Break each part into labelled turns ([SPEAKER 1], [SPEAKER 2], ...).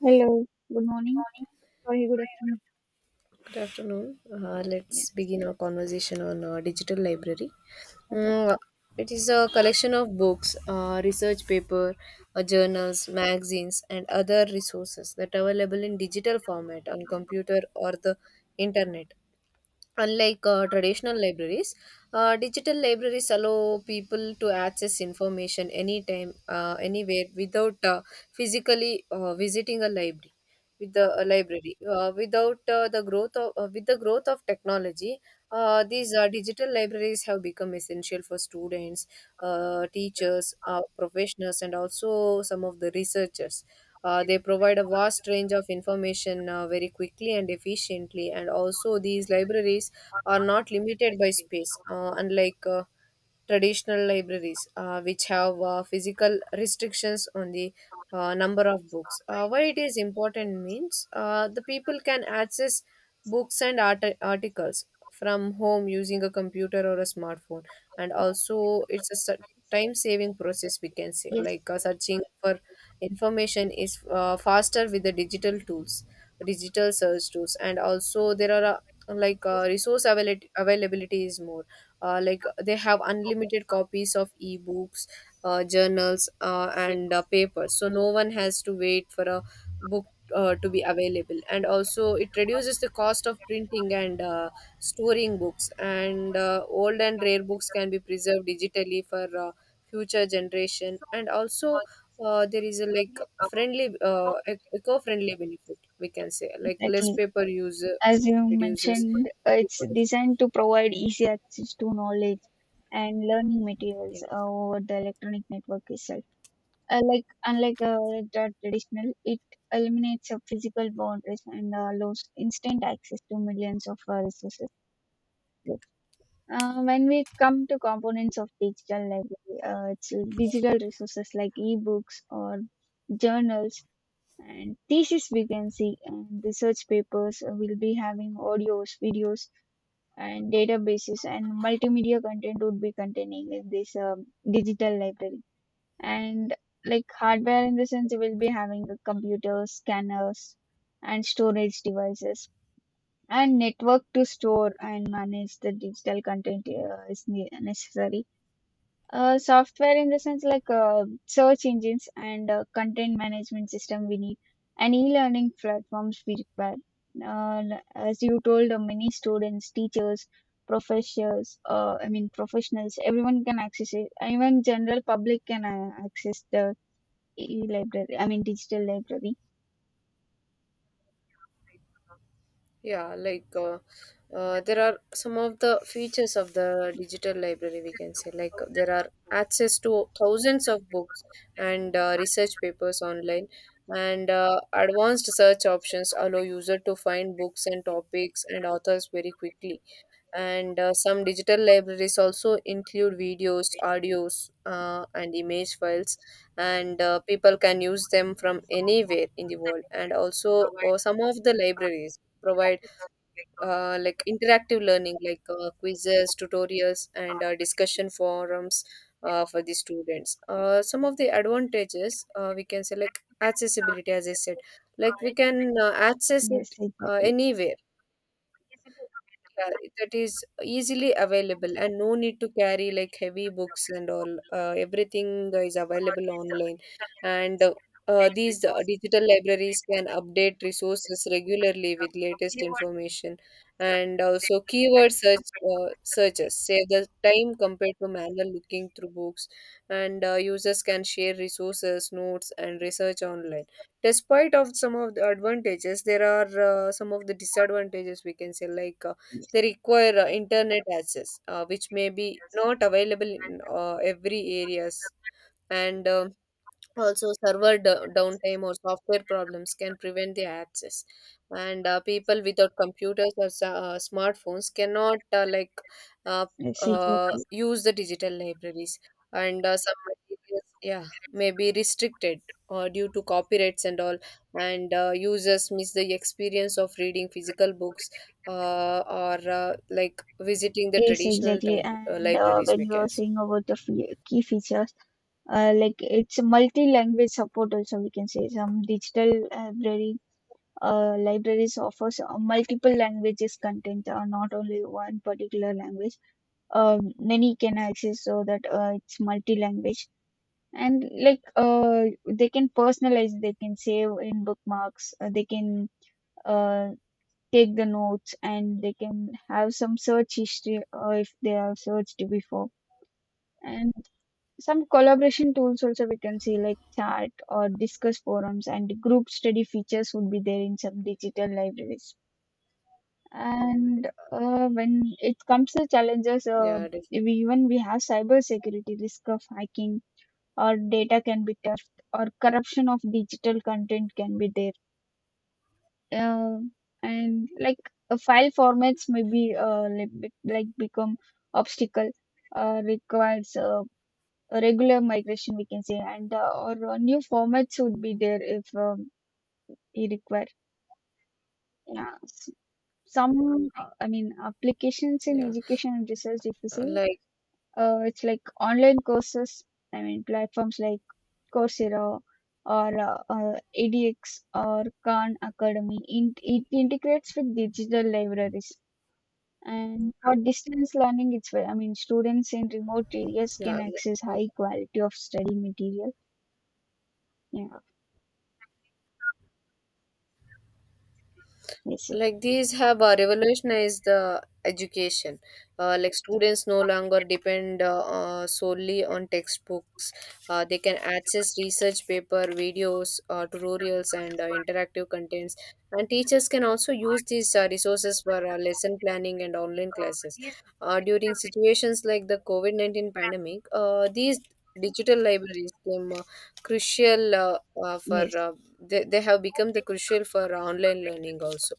[SPEAKER 1] Hello, good morning. Sorry, good afternoon.
[SPEAKER 2] Good afternoon. Let's
[SPEAKER 1] Yes.
[SPEAKER 2] begin our conversation on digital library.
[SPEAKER 1] Okay.
[SPEAKER 2] Mm, it is a collection of books, research paper, journals, magazines, and other resources that are available in digital format on computer or the internet. Unlike traditional libraries, digital libraries allow people to access information anytime, anywhere, without physically visiting a library. With the a library, without the growth of With the growth of technology, these digital libraries have become essential for students, teachers, professionals, and also some of the researchers. They provide a vast range of information very quickly and efficiently, and also these libraries are not limited by space, unlike traditional libraries, which have physical restrictions on the number of books. Why it is important means the people can access books and articles from home using a computer or a smartphone, and also it's a time saving process we can say
[SPEAKER 1] Yes.
[SPEAKER 2] like searching for information is faster with the digital search tools, and also there are availability is more, like they have unlimited copies of ebooks, journals, and papers, so no one has to wait for a book to be available. And also it reduces the cost of printing and storing books, and old and rare books can be preserved digitally for future generation. And also there is a friendly, eco-friendly benefit, we can say, like less
[SPEAKER 1] Okay.
[SPEAKER 2] paper use,
[SPEAKER 1] As you
[SPEAKER 2] reduces
[SPEAKER 1] mentioned, it's
[SPEAKER 2] deforestation.
[SPEAKER 1] designed to provide easy access to knowledge and learning
[SPEAKER 2] Yeah.
[SPEAKER 1] materials over the electronic network itself. Unlike the traditional, it eliminates physical boundaries and allows instant access to millions of resources. When we come to components of digital library, it's digital resources like ebooks or journals and thesis vacancy and research papers. Will be having audios, videos and databases, and multimedia content would be containing in this digital library. And like hardware in the sense, we'll be having the computers, scanners and storage devices and network to store and manage the digital content is necessary. Software in the sense like search engines and content management system we need, and e-learning platforms we require. Uh, as you told, many students, teachers, professors, I mean professionals, everyone can access it. Even general public can access the e-library. I mean digital library.
[SPEAKER 2] Yeah, like uh, there are some of the features of the digital library, we can say, like there are access to thousands of books and research papers online, and advanced search options allow user to find books and topics and authors very quickly, and some digital libraries also include videos, audios, and image files, and people can use them from anywhere in the world. And also some of the libraries provide like interactive learning, like quizzes, tutorials, and discussion forums for the students. Some of the advantages, we can say, like accessibility. As I said, like we can access
[SPEAKER 1] Yes,
[SPEAKER 2] it
[SPEAKER 1] exactly.
[SPEAKER 2] anywhere. Yeah, that is easily available, and no need to carry like heavy books and all. Everything is available online. And these digital libraries can update resources regularly with latest information. And also keyword search searches save the time compared to manual looking through books. And users can share resources, notes, and research online. Despite of some of the advantages, there are some of the disadvantages, we can say, like they require internet access, which may be not available in every areas. And Also, server downtime or software problems can prevent the access, and people without computers or smartphones cannot uh,
[SPEAKER 1] Yes, exactly.
[SPEAKER 2] use the digital libraries, and some materials, yeah, may be restricted due to copyrights and all, and users miss the experience of reading physical books or like visiting the
[SPEAKER 1] Yes,
[SPEAKER 2] traditional
[SPEAKER 1] exactly.
[SPEAKER 2] type,
[SPEAKER 1] And uh,
[SPEAKER 2] libraries.
[SPEAKER 1] when you are saying about the key features, like it's multi-language support also, we can say some digital library libraries offers multiple languages content, not only one particular language. Many can access, so that it's multi-language. And like they can personalize, they can save in bookmarks, they can uh, take the notes, and they can have some search history if they have searched before. And some collaboration tools also we can see, like chat or discuss forums and group study features would be there in some digital libraries. And when it comes to challenges,
[SPEAKER 2] Yeah,
[SPEAKER 1] we even we have cyber security risk of hacking or data can be theft or corruption of digital content can be there. Uh, and like file formats may be like become obstacle, requires a regular migration we can say, and or new formats would be there if you require. Yeah, some, I mean applications in
[SPEAKER 2] yeah.
[SPEAKER 1] education and research, if you
[SPEAKER 2] Uh,
[SPEAKER 1] see,
[SPEAKER 2] like
[SPEAKER 1] it's like online courses, I mean platforms like Coursera, or edX or Khan Academy. It integrates with digital libraries, and for distance learning it's where, I mean, students in remote areas
[SPEAKER 2] yeah.
[SPEAKER 1] can access
[SPEAKER 2] like,
[SPEAKER 1] high quality of study material. Yeah, yes.
[SPEAKER 2] like these have revolutionized the education. Like students no longer depend solely on textbooks. They can access research paper, videos, tutorials, and interactive contents, and teachers can also use these resources for lesson planning and online classes during situations like the covid-19 pandemic. These digital libraries came crucial, for
[SPEAKER 1] Yes,
[SPEAKER 2] they have become the crucial for online learning also.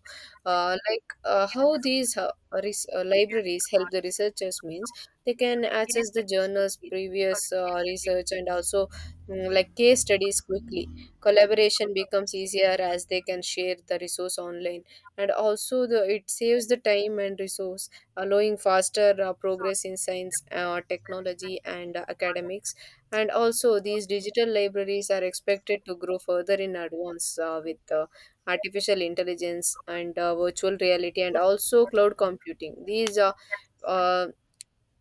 [SPEAKER 2] How these libraries help the researchers means they can access the journals, previous research, and also, like, case studies quickly. Collaboration becomes easier as they can share the resource online, and also the it saves the time and resource, allowing faster progress in science, technology, and academics. And also these digital libraries are expected to grow further in advance, with the artificial intelligence and virtual reality and also cloud computing. These uh,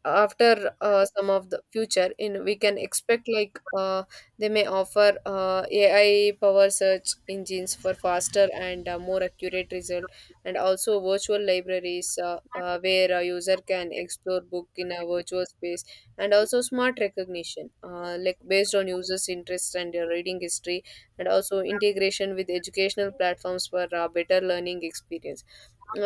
[SPEAKER 2] after some of the future in we can expect, like, they may offer AI power search engines for faster and more accurate result, and also virtual libraries, where a user can explore book in a virtual space, and also smart recognition, like based on users interest and their reading history, and also integration with educational platforms for better learning experience.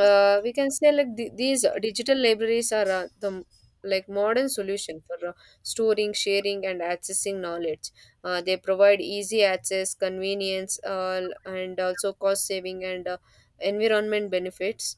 [SPEAKER 2] We can say, like, these digital libraries are the modern solution for storing, sharing, and accessing knowledge. They provide easy access, convenience, and also cost saving and environment benefits.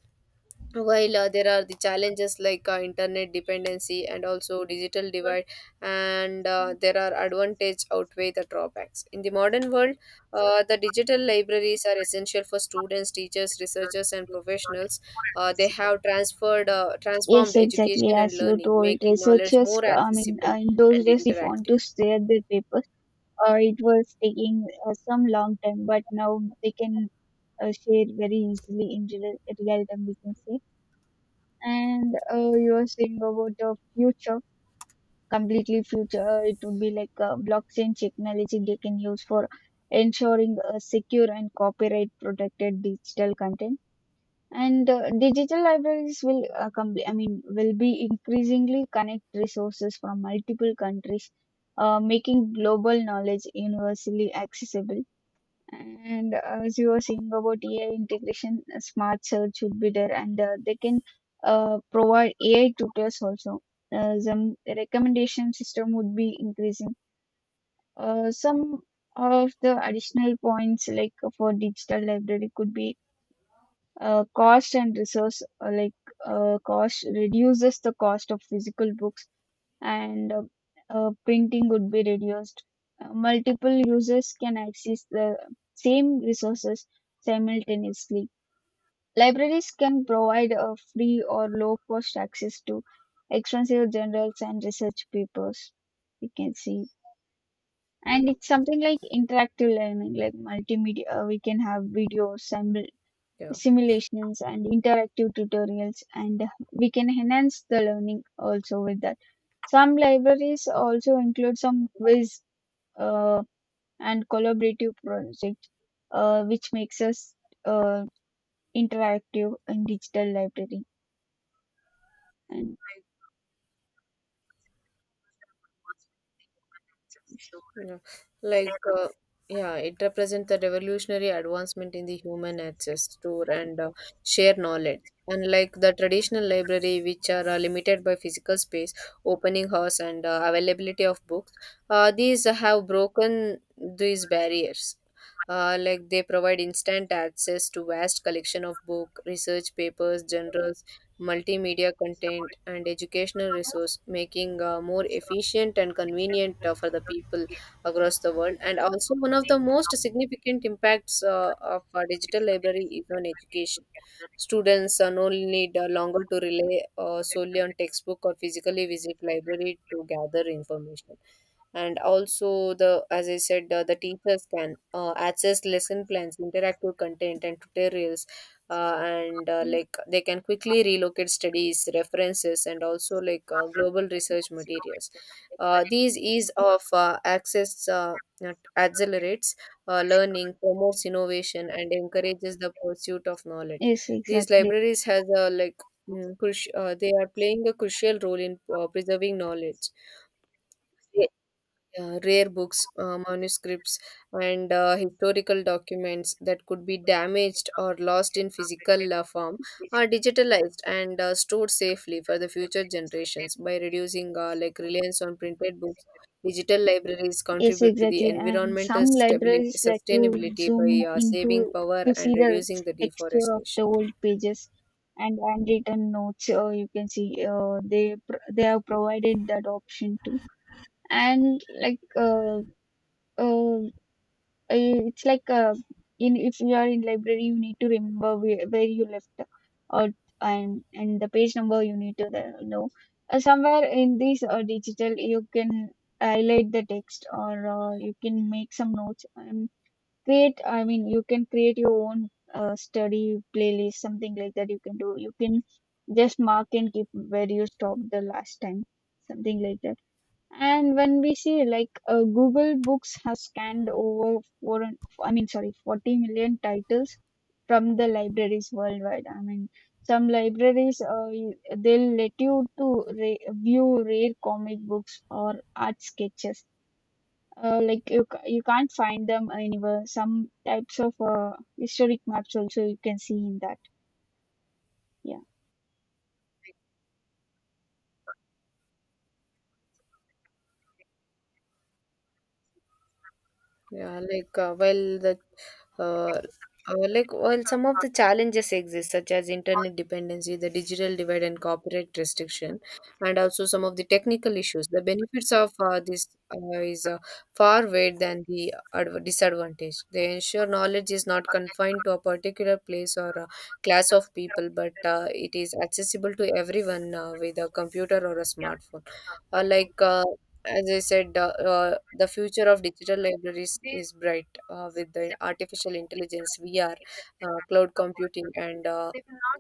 [SPEAKER 2] While there are the challenges like internet dependency and also digital divide, and there are advantage outweigh the drawbacks. In the modern world, the digital libraries are essential for students, teachers, researchers, and professionals. They have transferred transformed
[SPEAKER 1] yes, exactly
[SPEAKER 2] education and
[SPEAKER 1] as you
[SPEAKER 2] learning,
[SPEAKER 1] told.
[SPEAKER 2] making knowledge
[SPEAKER 1] Researchers,
[SPEAKER 2] more
[SPEAKER 1] I mean,
[SPEAKER 2] accessible
[SPEAKER 1] in those
[SPEAKER 2] and
[SPEAKER 1] days, if want
[SPEAKER 2] interactive.
[SPEAKER 1] to share their papers, it was taking some long time, but now they can share very easily in real time, we can say. And you are saying about the future, completely future, it would be like blockchain technology they can use for ensuring a secure and copyright protected digital content. And digital libraries will , I mean, will be increasingly connect resources from multiple countries, making global knowledge universally accessible. And as you were saying about AI integration, smart search would be there, and they can provide AI tutors also. Some recommendation system would be increasing. Some of the additional points like for digital library could be, cost and resource, cost reduces the cost of physical books, and printing would be reduced. Multiple users can access the same resources simultaneously. Libraries can provide a free or low cost access to extensive journals and research papers, we can see. And it's something like interactive learning, like multimedia, we can have videos,
[SPEAKER 2] Yeah.
[SPEAKER 1] simulations and interactive tutorials, and we can enhance the learning also with that. Some libraries also include some quiz, uh, and collaborative projects, which makes us, uh, interactive and digital library. And
[SPEAKER 2] Yeah. Like, uh, yeah, it represents the revolutionary advancement in the human access to and share knowledge. Unlike the traditional library, which are limited by physical space, opening hours, and availability of books, these have broken these barriers. Like they provide instant access to vast collection of book, research papers, journals, multimedia content, and educational resource, making more efficient and convenient for the people across the world. And also, one of the most significant impacts of a digital library is on education. Students no need longer to rely solely on textbook or physically visit library to gather information. And also, the as I said, the teachers can access lesson plans, interactive content, and tutorials, and like they can quickly relocate studies, references, and also like global research materials. These ease of access accelerates learning, promotes innovation, and encourages the pursuit of knowledge.
[SPEAKER 1] yes,
[SPEAKER 2] These
[SPEAKER 1] exactly.
[SPEAKER 2] libraries has a like, they are playing a crucial role in preserving knowledge. They, yeah, rare books, manuscripts, and historical documents that could be damaged or lost in physical form are digitalized and stored safely for the future generations by reducing like reliance on printed books. Digital libraries
[SPEAKER 1] Yes,
[SPEAKER 2] contribute to the
[SPEAKER 1] exactly. And
[SPEAKER 2] environmental
[SPEAKER 1] some
[SPEAKER 2] stability
[SPEAKER 1] libraries let you
[SPEAKER 2] sustainability
[SPEAKER 1] zoom
[SPEAKER 2] by saving
[SPEAKER 1] into
[SPEAKER 2] power
[SPEAKER 1] to
[SPEAKER 2] and
[SPEAKER 1] see the
[SPEAKER 2] reducing the
[SPEAKER 1] texture of the
[SPEAKER 2] deforestation.
[SPEAKER 1] old pages and handwritten notes, or you can see, they have provided that option too. And like uh, uh, it's like in if you are in library, you need to remember where you left, or and the page number you need to know. Somewhere in this digital, you can highlight the text, or you can make some notes and create, I mean, you can create your own study playlist, something like that you can do. You can just mark and keep where you stopped the last time, something like that. And when we see, like Google Books has scanned over four, I mean, sorry, 40 million titles from the libraries worldwide. I mean, some libraries, they'll let you to view rare comic books or art sketches. Like you can't find them anywhere. Some types of historic maps also you can see in that. Yeah.
[SPEAKER 2] Yeah, like uh, well, the uh, well, some of the challenges exist, such as internet dependency, the digital divide, and copyright restriction, and also some of the technical issues. The benefits of this is far greater than the disadvantage. They ensure knowledge is not confined to a particular place or a class of people, but it is accessible to everyone with a computer or a smartphone. Uh, like uh, as I said, the future of digital libraries is bright with the artificial intelligence, VR, cloud computing, and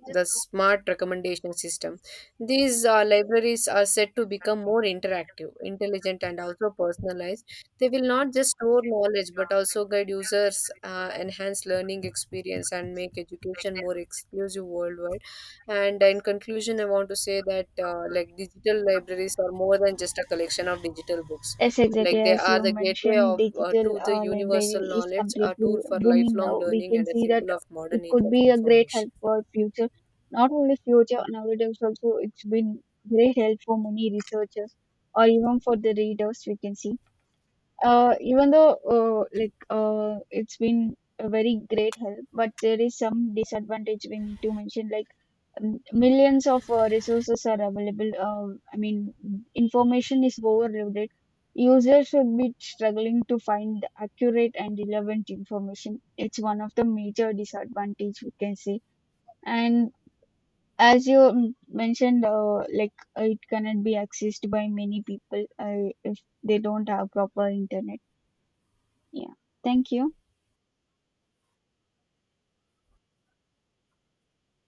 [SPEAKER 2] the smart recommendation system. These libraries are set to become more interactive, intelligent, and also personalized. They will not just store knowledge but also guide users, enhance learning experience, and make education more exclusive worldwide. And in conclusion, I want to say that like digital libraries are more than just a collection of digital books.
[SPEAKER 1] Yes, exactly.
[SPEAKER 2] Like they
[SPEAKER 1] As
[SPEAKER 2] are
[SPEAKER 1] you
[SPEAKER 2] the gateway
[SPEAKER 1] mentioned,
[SPEAKER 2] of
[SPEAKER 1] digital
[SPEAKER 2] to the universal
[SPEAKER 1] library is
[SPEAKER 2] knowledge, a
[SPEAKER 1] completely
[SPEAKER 2] tool for
[SPEAKER 1] booming
[SPEAKER 2] lifelong
[SPEAKER 1] now. We
[SPEAKER 2] learning,
[SPEAKER 1] can
[SPEAKER 2] and a
[SPEAKER 1] see that
[SPEAKER 2] symbol of
[SPEAKER 1] it
[SPEAKER 2] modern age
[SPEAKER 1] could
[SPEAKER 2] of
[SPEAKER 1] be a great help
[SPEAKER 2] information.
[SPEAKER 1] for future, not only future, nowadays also it's been great help for many researchers or even for the readers. We can see even though it's been a very great help, but there is some disadvantage we need to mention. Like millions of resources are available. I mean, information is overloaded. Users should be struggling to find accurate and relevant information. It's one of the major disadvantage, we can say. And as you mentioned, it cannot be accessed by many people if they don't have proper internet. Yeah. Thank you.